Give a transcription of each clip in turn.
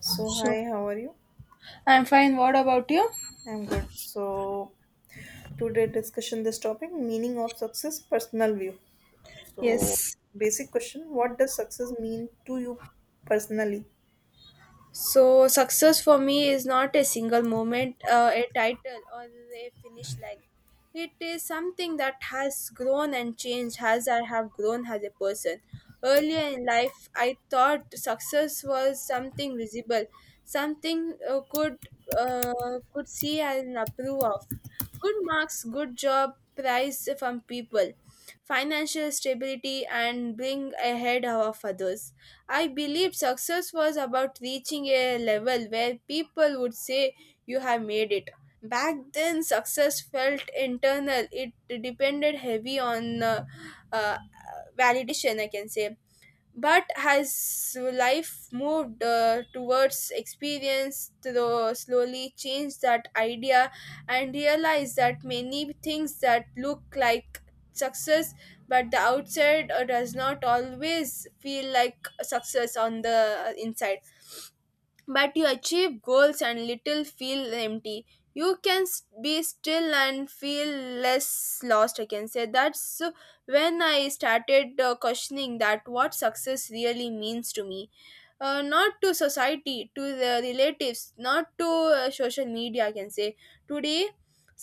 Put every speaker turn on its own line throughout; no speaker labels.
So
So,
hi, how are you?
I'm fine. What about you?
I'm good. So today discussion this topic meaning of success personal view. So
Yes.
basic question, what does success mean to you personally?
So, success for me is not a single moment, a title, or a finish line. It is something that has grown and changed as I have grown as a person. Earlier in life, I thought success was something visible, something uh, could see and approve of. Good marks, good job, prize from people, financial stability, and bring ahead of others. I believe success was about reaching a level where people would say you have made it. Back then, success felt internal. It depended heavy on uh, validation, I can say. But has life moved towards experience, though slowly changed that idea and realized that many things that look like success but the outside does not always feel like success on the inside, but you achieve goals and little feel empty. You can be still and feel less lost, I can say. That's when I started questioning that what success really means to me, not to society, to the relatives, not to social media, I can say. Today,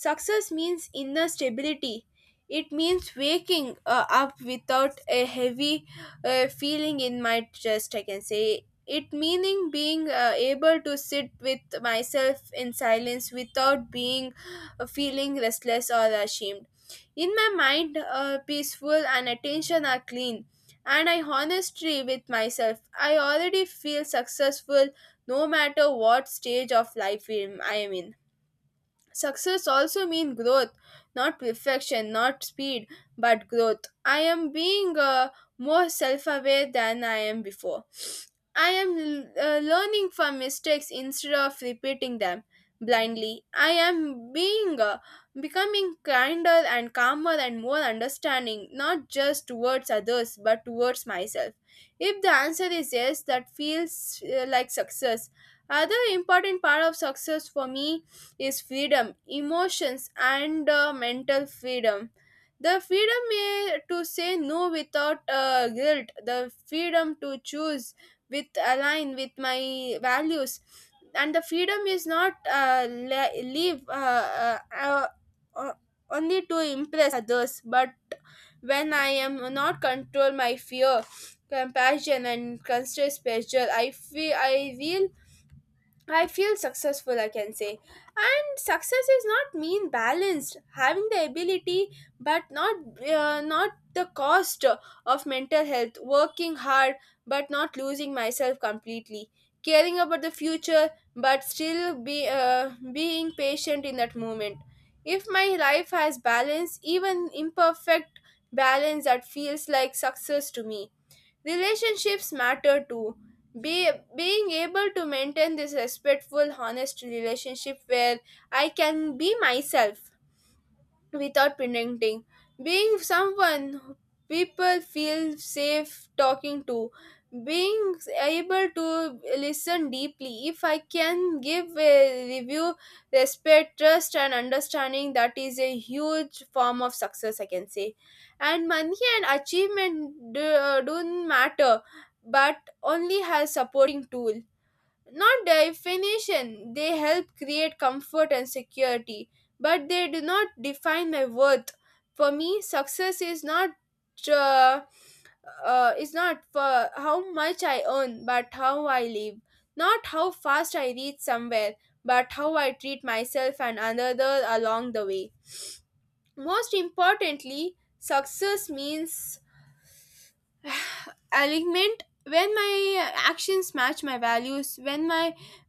success means inner stability. It means waking up without a heavy feeling in my chest, I can say. It meaning being able to sit with myself in silence without being feeling restless or ashamed in my mind. Peaceful and attention are clean, and I honestly with myself. I already feel successful no matter what stage of life I am in. Success also means growth, not perfection, not speed, but growth. I am being more self aware than I am before. I am learning from mistakes instead of repeating them blindly. I am being becoming kinder and calmer and more understanding, not just towards others but towards myself. If the answer is yes, that feels like success. Other important part of success for me is freedom, emotions, and mental freedom. The freedom to say no without guilt, the freedom to choose with align with my values, and the freedom is not le- leave uh, only to impress others, but when I am not control my fear, compassion, and constant pressure, I feel successful, I can say. And success is not mean balanced, having the ability, but not not the cost of mental health, working hard, but not losing myself completely, caring about the future, but still be being patient in that moment. If my life has balance, even imperfect balance, that feels like success to me. Relationships matter too. Be, being able to maintain this respectful, honest relationship where I can be myself without pretending. Being someone people feel safe talking to, being able to listen deeply. If I can give a review, respect, trust, and understanding, that is a huge form of success, I can say. And money and achievement don't matter, but only as supporting tool not definition. They help create comfort and security, but they do not define my worth. For me, success is not uh, is not for how much I earn, but how I live. Not how fast I reach somewhere, but how I treat myself and another along the way. Most importantly, success means alignment when my actions match my values,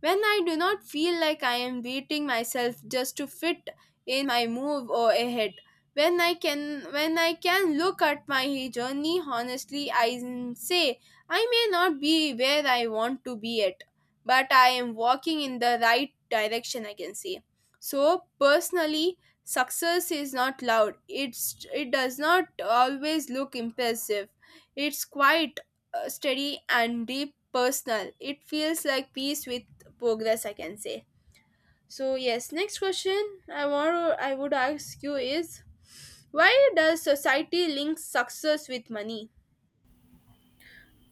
when I do not feel like I am beating myself just to fit in my move or ahead, when I can look at my journey honestly, say I may not be where I want to be at, but I am walking in the right direction, I can say. So personally, success is not loud, it does not always look impressive, it's quiet, steady and deep personal. It feels like peace with progress, I can say. So yes, next question I would ask you is why does society link success with money?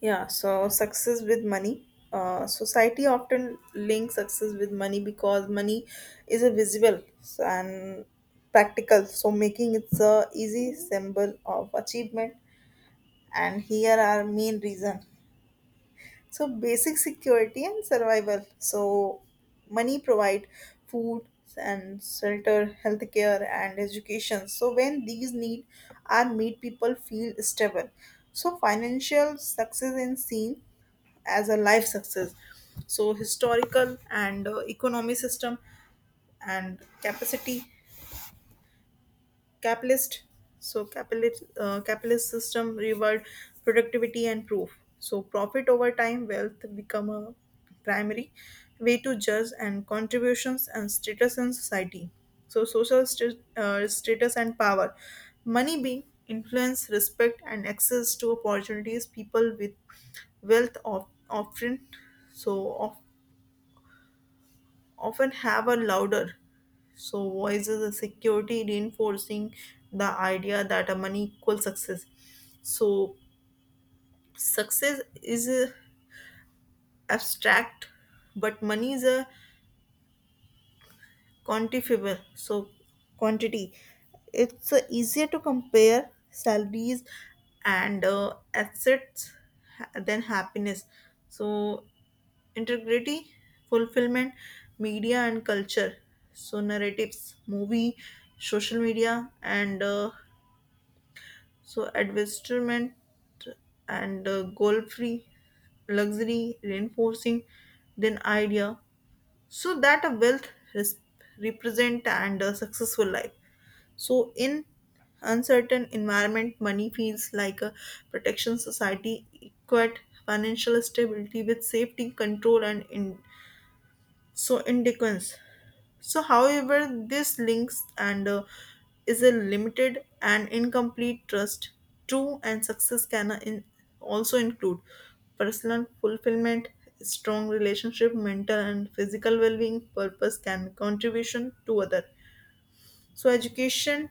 Yeah, so success with money. Society often links success with money because money is a visible and practical, so making it a easy symbol of achievement. And here are main reason. So basic security and survival. So money provide food and shelter, healthcare and education. So when these need are made, people feel stable. So financial success is seen as a life success. So historical and economy system and capacity capitalist so capitalist capitalist system reward productivity and proof so profit over time wealth become a primary way to judge and contributions and status in society so social status and power money being influence respect and access to opportunities people with wealth of often so of, often have a louder so, voices security reinforcing the idea that a money equals success. So, success is abstract, but money is a quantifiable. So, quantity. It's easier to compare salaries and assets than happiness. So, integrity, fulfillment, media, and culture. So, narratives, movie, social media, and advertisement and goal-free luxury reinforcing then idea so that a wealth res- represent and a successful life. So in uncertain environment, money feels like a protection society equate financial stability with safety, control and in so independence. So, however, this links and is a limited and incomplete trust. True and success can also include personal fulfillment, strong relationship, mental and physical well-being, purpose, and contribution to other. So, education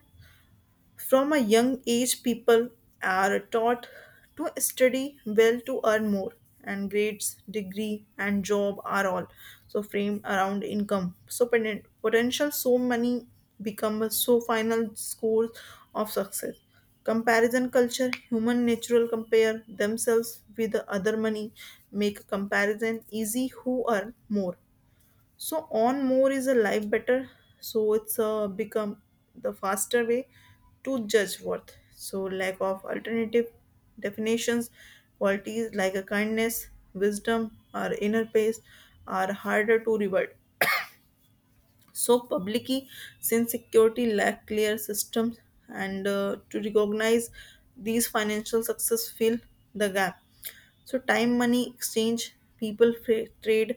from a young age, people are taught to study well to earn more, and grades, degree, and job are all so framed around income. So potential, so many become a so final scores of success. Comparison culture, human natural compare themselves with the other money, make comparison easy who earn more so on more is a life better so it's become the faster way to judge worth so lack of alternative definitions qualities like a kindness wisdom or inner peace are harder to reward so publicly since security lack clear systems and to recognize these financial success fill the gap so time, money, exchange, people trade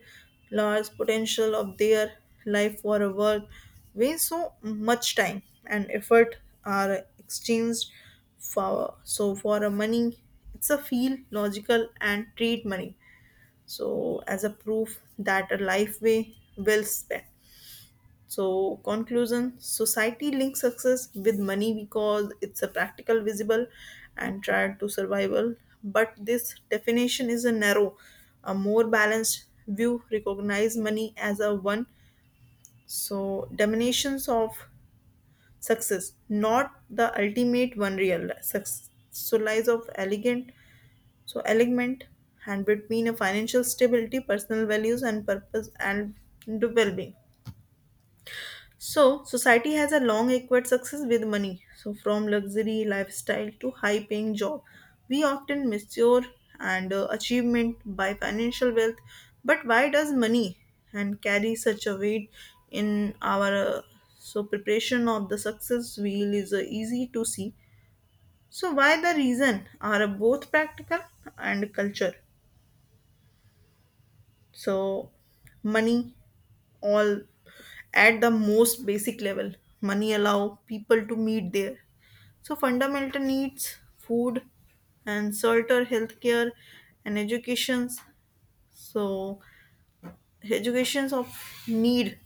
large potential of their life for a work where so much time and effort are exchanged for so for a money it's a feel logical and treat money so as a proof that a life way well spent so, conclusion society links success with money because it's a practical, visible, and tried to survival. But this definition is a narrow, a more balanced view recognize money as a one. So, diminutions of success, not the ultimate one real success. So, lies of elegant, so elegant, and between a financial stability, personal values, and purpose and well being. So, society has a long equate success with money. So, from luxury lifestyle to high paying job, we often measure and achievement by financial wealth. But why does money and carry such a weight in our so preparation of the success wheel is easy to see. So, why the reason are both practical and culture. So, money all at the most basic level money allow people to meet there so fundamental needs food and shelter healthcare and educations so educations of need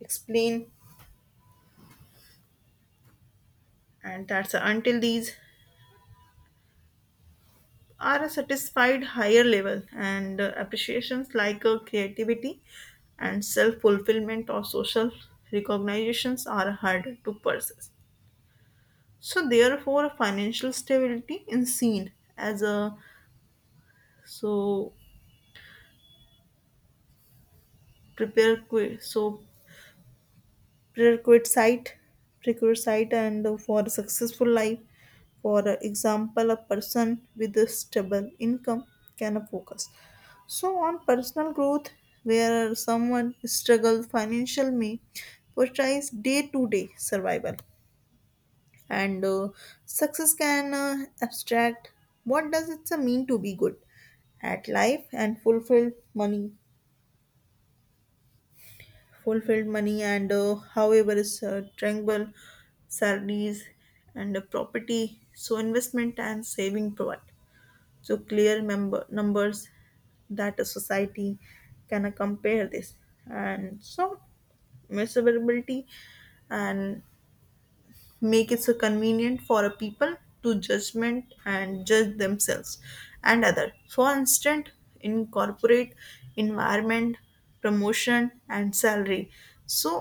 explain and that's until these are a satisfied higher level and appreciations like creativity and self-fulfillment or social recognitions are hard to possess. So therefore, financial stability is seen as a so prepare so prerequisite and for a successful life. For example, a person with a stable income can focus. So on personal growth, where someone struggles financially may prioritize day-to-day survival. And success can abstract what does it mean to be good at life and fulfill money fulfilled money and however is triangle salaries and property so investment and saving provide so clear member numbers that a society can compare this and so measurability and make it so convenient for a people to judgment and judge themselves and other for instance in corporate environment promotion and salary so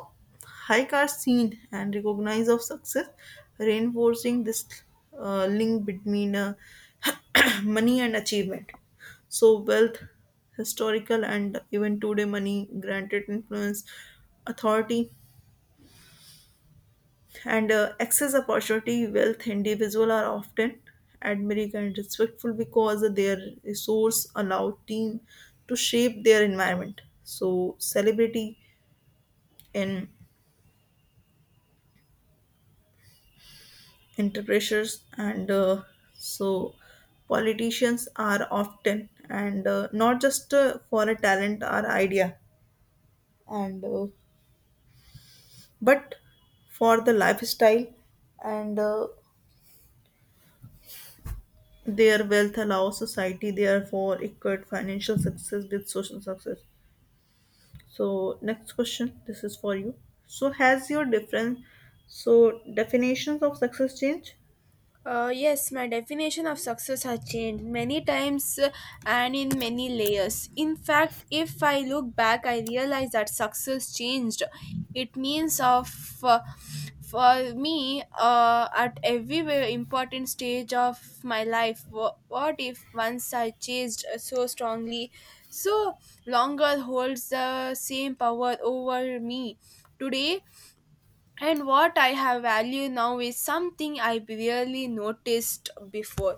hike are seen and recognized of success reinforcing this link between money and achievement so wealth historical and even today money granted influence authority and access opportunity wealth individual are often admiring and respectful because their resource allow team to shape their environment so celebrity in entrepreneurs and so politicians are often and not just for a talent or idea and but for the lifestyle and their wealth allows society, therefore, equate financial success with social success. So, next question. This is for you. So, has your different so definitions of success changed?
Yes, my definition of success has changed many times and in many layers. In fact, if I look back, I realize that success changed. It means of uh, for me at every very important stage of my life. What if once I chased so strongly, so longer holds the same power over me today? And what I have value now is something I barely noticed before.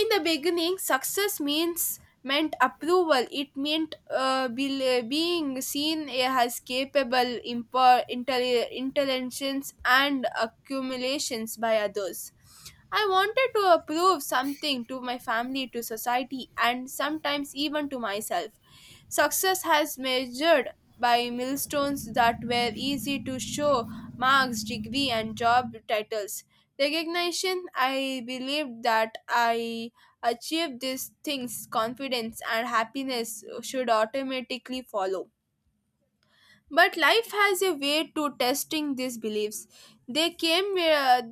In the beginning success means meant approval. It meant being seen as capable, intelligence and accumulations by others. I wanted to approve something to my family, to society, and sometimes even to myself. Success has measured by milestones that were easy to show, marks degree and job titles recognition. I believed that I achieved these things, confidence and happiness should automatically follow. But life has a way to testing these beliefs. they came where uh,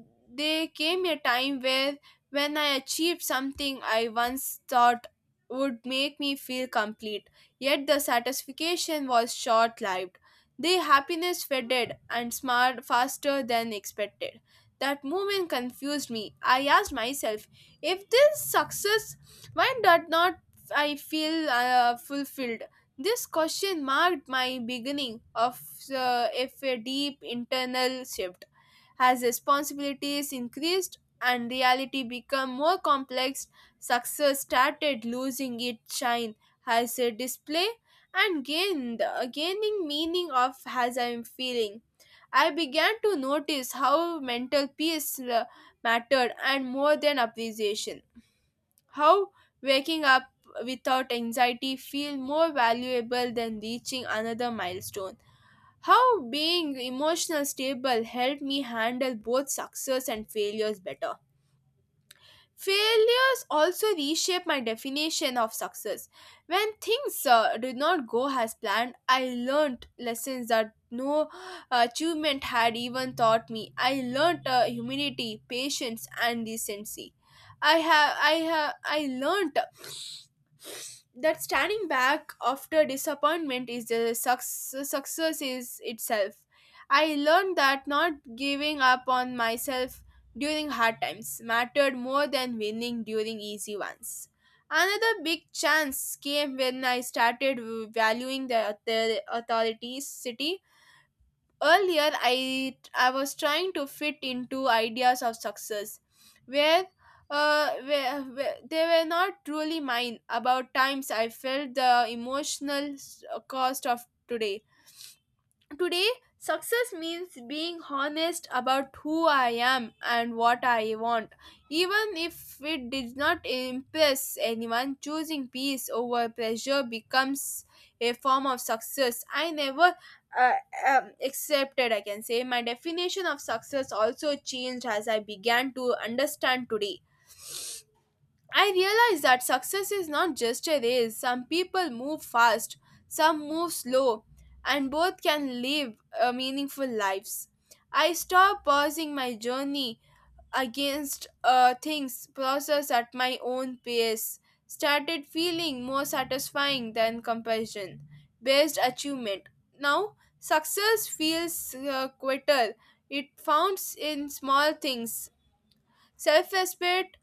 they came a time where when I achieved something I once thought would make me feel complete, yet the satisfaction was short lived. The happiness faded and smart faster than expected. That moment confused me. I asked myself, if this success, why did not I feel fulfilled? This question marked my beginning of if a deep internal shift. As responsibilities increased and reality became more complex, success started losing its shine as a display and gained gaining meaning of as I am feeling. I began to notice how mental peace mattered and more than appreciation. How waking up without anxiety feel more valuable than reaching another milestone. How being emotional stable helped me handle both success and failures better. Failures also reshape my definition of success. When things did not go as planned, I learned lessons that no achievement had even taught me. I learned humility, patience, and decency. I learned that standing back after disappointment is the success is itself. I learned that not giving up on myself during hard times mattered more than winning during easy ones. Another big chance came when I started valuing the authorities city earlier. I was trying to fit into ideas of success where they were not really mine about times I felt the emotional cost of today. Today, success means being honest about who I am and what I want. Even if it did not impress anyone, choosing peace over pressure becomes a form of success. I never uh, accepted, I can say. My definition of success also changed as I began to understand today. I realize that success is not just a race. Some people move fast, some move slow, and both can live meaningful lives. I stop pausing my journey against things, process at my own pace, started feeling more satisfying than comparison based achievement. Now, success feels quitter. It founds in small things, self respect,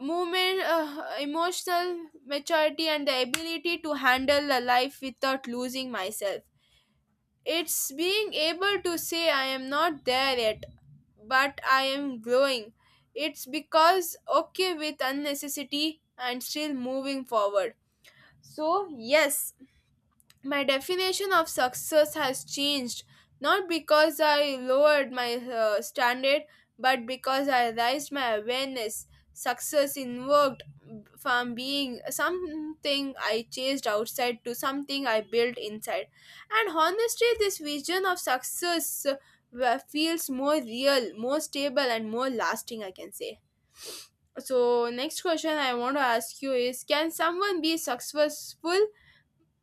movement, emotional maturity, and the ability to handle a life without losing myself. It's being able to say I am not there yet, but I am growing. It's because okay with unnecessity and still moving forward. So yes, my definition of success has changed, not because I lowered my standard, but because I raised my awareness. Success invoked from being something I chased outside to something I built inside. And honestly, this vision of success feels more real, more stable, and more lasting, I can say. So next question I want to ask you is, can someone be successful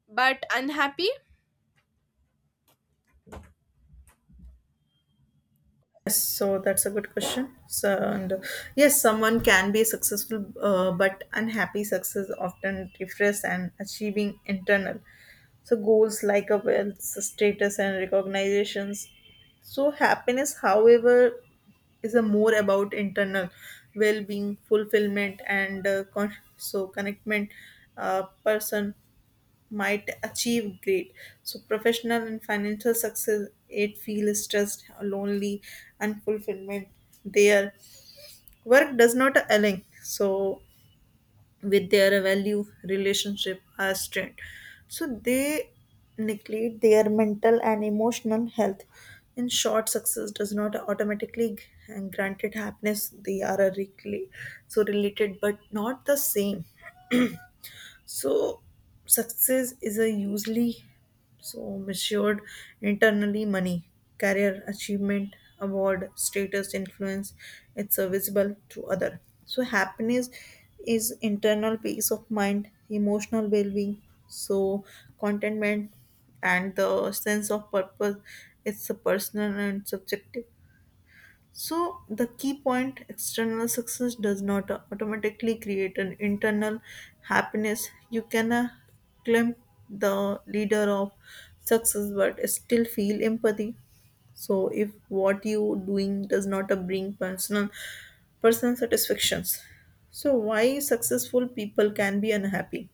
but unhappy?
Yes, so that's a good question. So, and yes, someone can be successful, but unhappy success often refers and achieving internal. So goals like a wealth, status, and recognitions. So happiness, however, is a more about internal well-being, fulfillment, and so connectment. Person might achieve great. So, professional and financial success, it feels stressed, lonely, and fulfillment. Their work does not align. So, with their value, relationship, or strength. So, they neglect their mental and emotional health. In short, success does not automatically grant it happiness. They are a so related, but not the same. So success is a usually so measured internally money, career achievement, award, status, influence. It's serviceable to other. So happiness is internal peace of mind, emotional well-being, so contentment and the sense of purpose. It's a personal and subjective. So, the key point external success does not automatically create an internal happiness. You can claim the leader of success but still feel empathy. So, if what you doing does not bring personal personal satisfactions. So, why successful people can be unhappy?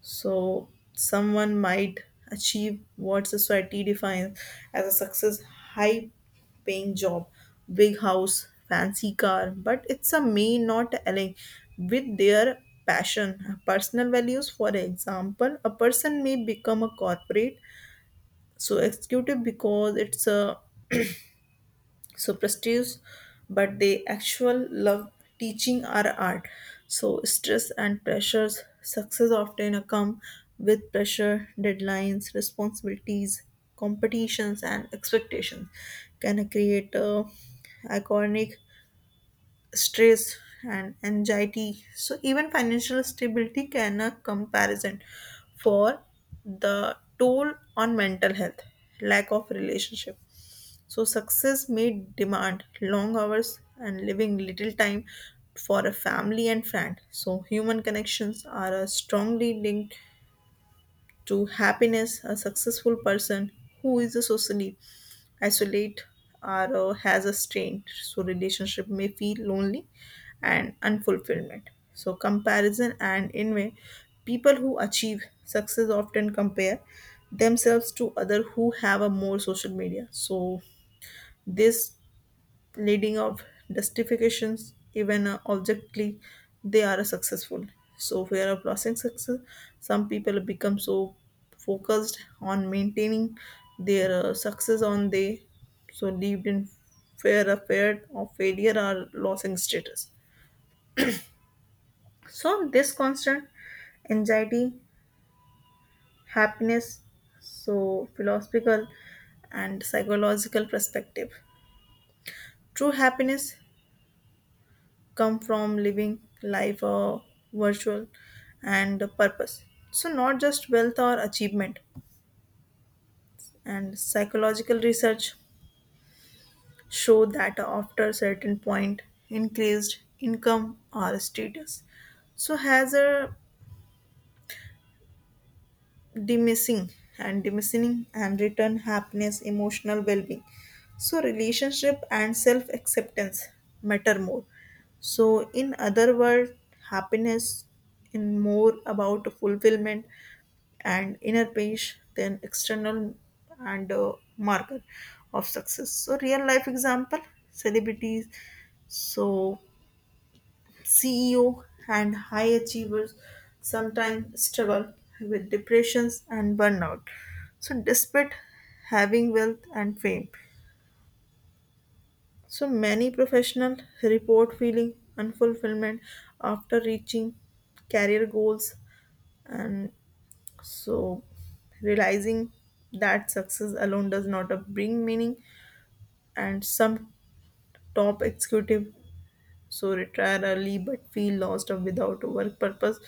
So someone might achieve what society defines as a success high paying job, big house, fancy car, but it's a may not align with their passion, personal values. For example, a person may become a corporate so executive because it's a so prestige but they actual love teaching our art so stress and pressures success often come with pressure deadlines responsibilities competitions and expectations can create a iconic stress and anxiety so even financial stability can a comparison for the toll on mental health lack of relationship so success may demand long hours and leaving little time for a family and friend. So human connections are strongly linked to happiness. A successful person who is a socially isolate or has a strained so relationship may feel lonely and unfulfillment. So comparison and envy. People who achieve success often compare themselves to other who have a more social media. So this leading of justifications even objectively they are successful so fear of losing success some people become so focused on maintaining their success on they so lived in fear of failure or losing status so this constant anxiety happiness so philosophical and psychological perspective true happiness come from living life virtual and purpose so not just wealth or achievement and psychological research show that after a certain point increased income or status so has a diminishing and return happiness emotional well-being so relationship and self-acceptance matter more so in other words happiness in more about fulfillment and inner page then external and marker of success so real life example celebrities so CEO and high achievers sometimes struggle with depressions and burnout so despite having wealth and fame so many professionals report feeling unfulfillment after reaching career goals and so, realizing that success alone does not bring meaning, and some top executive so retire early but feel lost or without a work purpose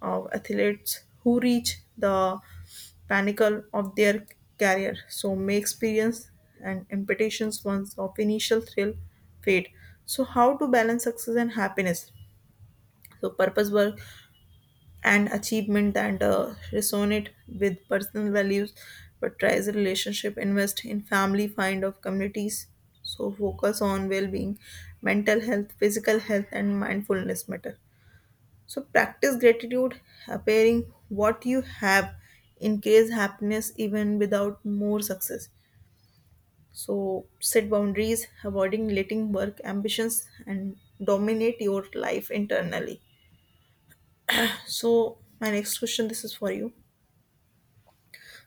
of athletes who reach the pinnacle of their career. So, may experience and impatience once of initial thrill fade. So, how to balance success and happiness? So, purpose work and achievement that resonate with personal values prioritize relationship invest in family find of communities so focus on well-being mental health physical health and mindfulness matter so practice gratitude appearing what you have increase happiness even without more success so set boundaries avoiding letting work ambitions and dominate your life internally so my next question this is for you.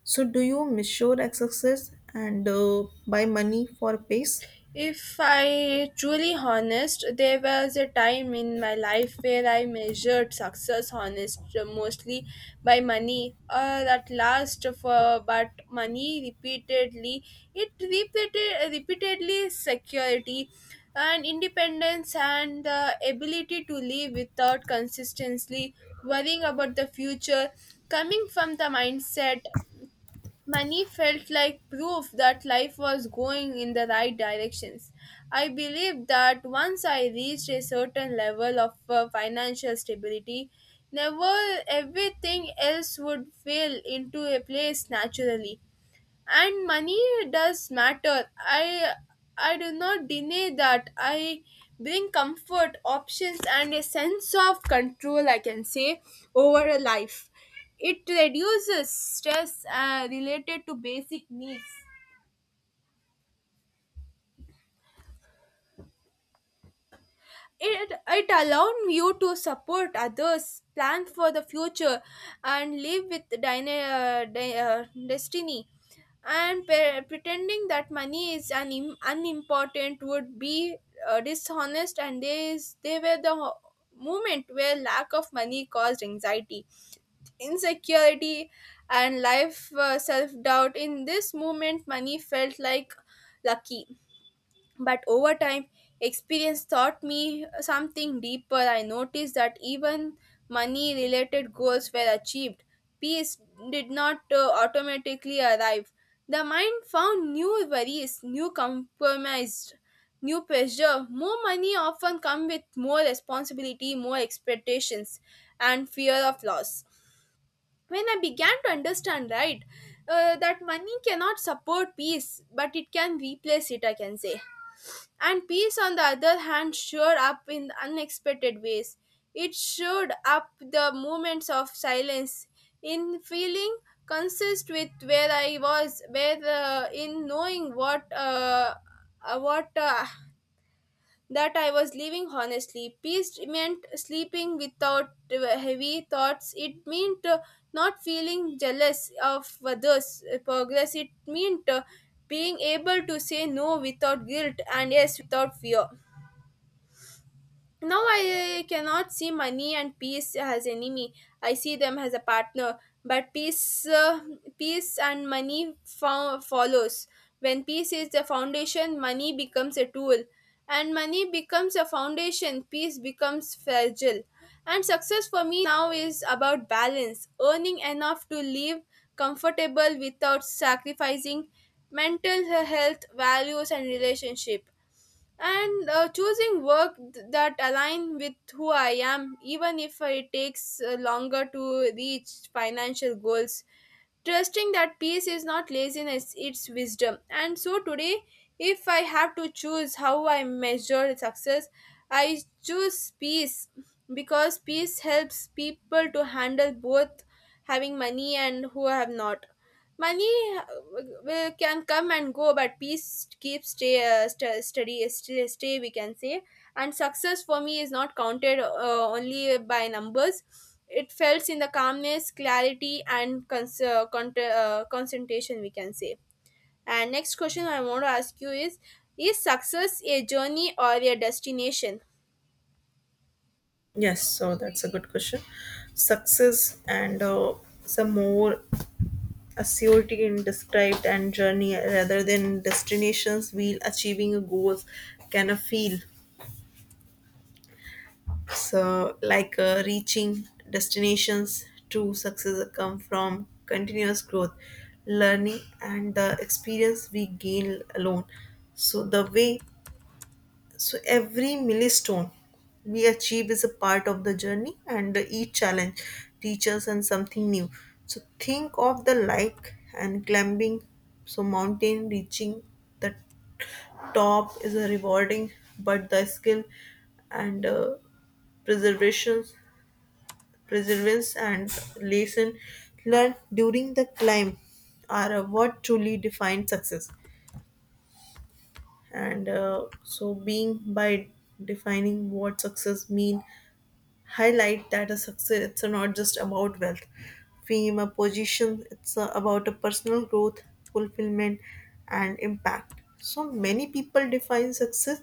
So, do you measure success and buy money for pace?
If I truly honest, there was a time in my life where I measured success honest mostly by money, or at last for, but money repeatedly, it repeated repeatedly security and independence and the ability to live without consistently worrying about the future coming from the mindset. Money felt like proof that life was going in the right directions. I believed that once I reached a certain level of financial stability, never everything else would fall into a place naturally. And money does matter, I do not deny that. I bring comfort options and a sense of control, I can say, over a life. It reduces stress related to basic needs. It allowed you to support others, plan for the future, and live with destiny. And pretending that money is unimportant would be dishonest, and they were the moment where lack of money caused anxiety, insecurity, and life self doubt. In this moment, money felt like lucky, but over time, experience taught me something deeper. I noticed that even money related goals were achieved, peace did not automatically arrive. The mind found new worries, new compromise, new pressure. More money often come with more responsibility, more expectations, and fear of loss. When I began to understand, right, that money cannot support peace, but it can replace it, I can say. And peace, on the other hand, showed up in unexpected ways. It showed up the moments of silence, in feeling consist with where I was, where in knowing what that I was leaving honestly. Peace meant sleeping without heavy thoughts. It meant not feeling jealous of others' progress. It meant being able to say no without guilt and yes without fear. Now I cannot see money and peace as enemy. I see them as a partner. But peace and money follows. When peace is the foundation, money becomes a tool, and money becomes a foundation. Peace becomes fragile, and success for me now is about balance, earning enough to live comfortable without sacrificing mental health, values, and relationship, and choosing work that align with who I am, even if it takes longer to reach financial goals, trusting that peace is not laziness, it's wisdom. And so today, if I have to choose how I measure success, I choose peace, because peace helps people to handle both having money and who have not. Money can come and go, but peace keeps steady, stay, stay. We can say. And success for me is not counted only by numbers. It felt in the calmness, clarity, and concentration. We can say. And next question I want to ask you is success a journey or a destination?
Yes, so that's a good question. Success and some more assurity in described and journey rather than destinations. While achieving a goals can a feel so like reaching destinations. True success come from continuous growth, learning, and the experience we gain alone. So the way so every milestone we achieve is a part of the journey, and each challenge teaches and something new. So think of the like and climbing, so mountain reaching the top is a rewarding, but the skill and preservation, perseverance and lesson learned during the climb are what truly define success and so being by defining what success mean highlight that a success it's not just about wealth fame a position it's about a personal growth fulfillment and impact so many people define success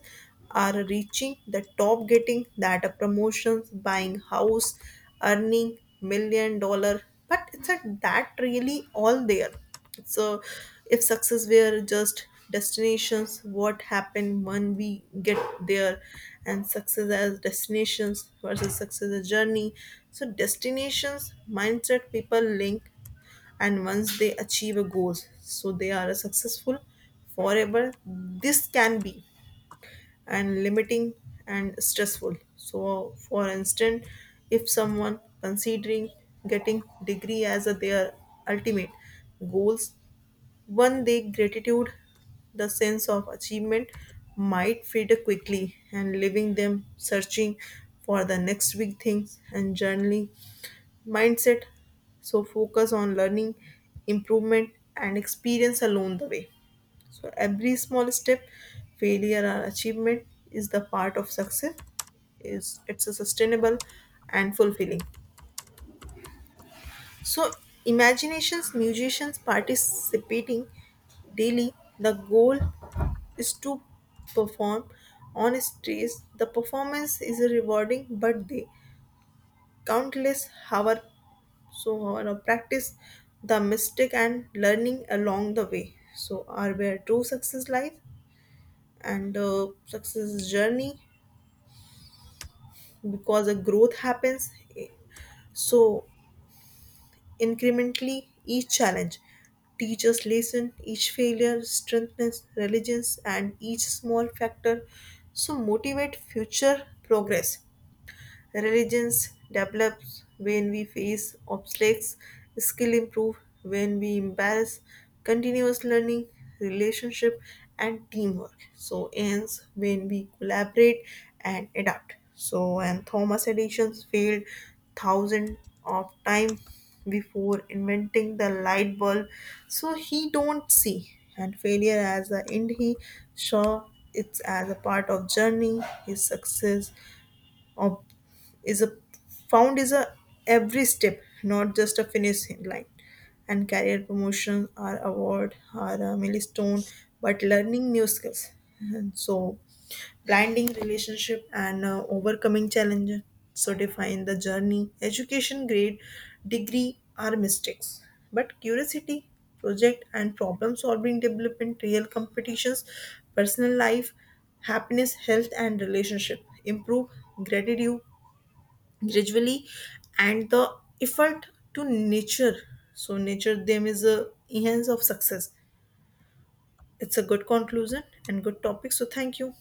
are reaching the top getting that a promotions buying house earning million dollar but it's a, that really all there so, if success were just destinations, what happened when we get there, and success as destinations versus success as journey. So, destinations mindset people link, and once they achieve a goal, so they are successful forever. This can be and limiting and stressful. So, for instance, if someone considering getting degree as a their ultimate goals one day, gratitude, the sense of achievement, might fade quickly, and leaving them searching for the next big thing and journaling mindset. So, focus on learning, improvement, and experience along the way. So, every small step, failure, or achievement is the part of success. Is it's a sustainable and fulfilling. So, imaginations, musicians participating daily, the goal is to perform on stage. The performance is rewarding, but the countless hour of practice, the mistake and learning along the way. So, are where true success lies and success is journey because a growth happens. So, incrementally, each challenge teaches lesson, each failure strengthens religions, and each small factor so motivate future progress. Religions develops when we face obstacles, skill improve when we embrace continuous learning, relationship and teamwork. So ends when we collaborate and adapt. So and Thomas Edison's failed thousands of time before inventing the light bulb so he don't see and failure as the end he saw it's as a part of journey his success is a found is a every step, not just a finish line. And career promotion or award or a milestone, but learning new skills. And so blending relationship and overcoming challenges so define the journey education grade degree are mistakes but curiosity project and problem solving development real competitions personal life happiness health and relationship improve gratitude gradually and the effort to nature so nature them is a enhance of success it's a good conclusion and good topic so thank you.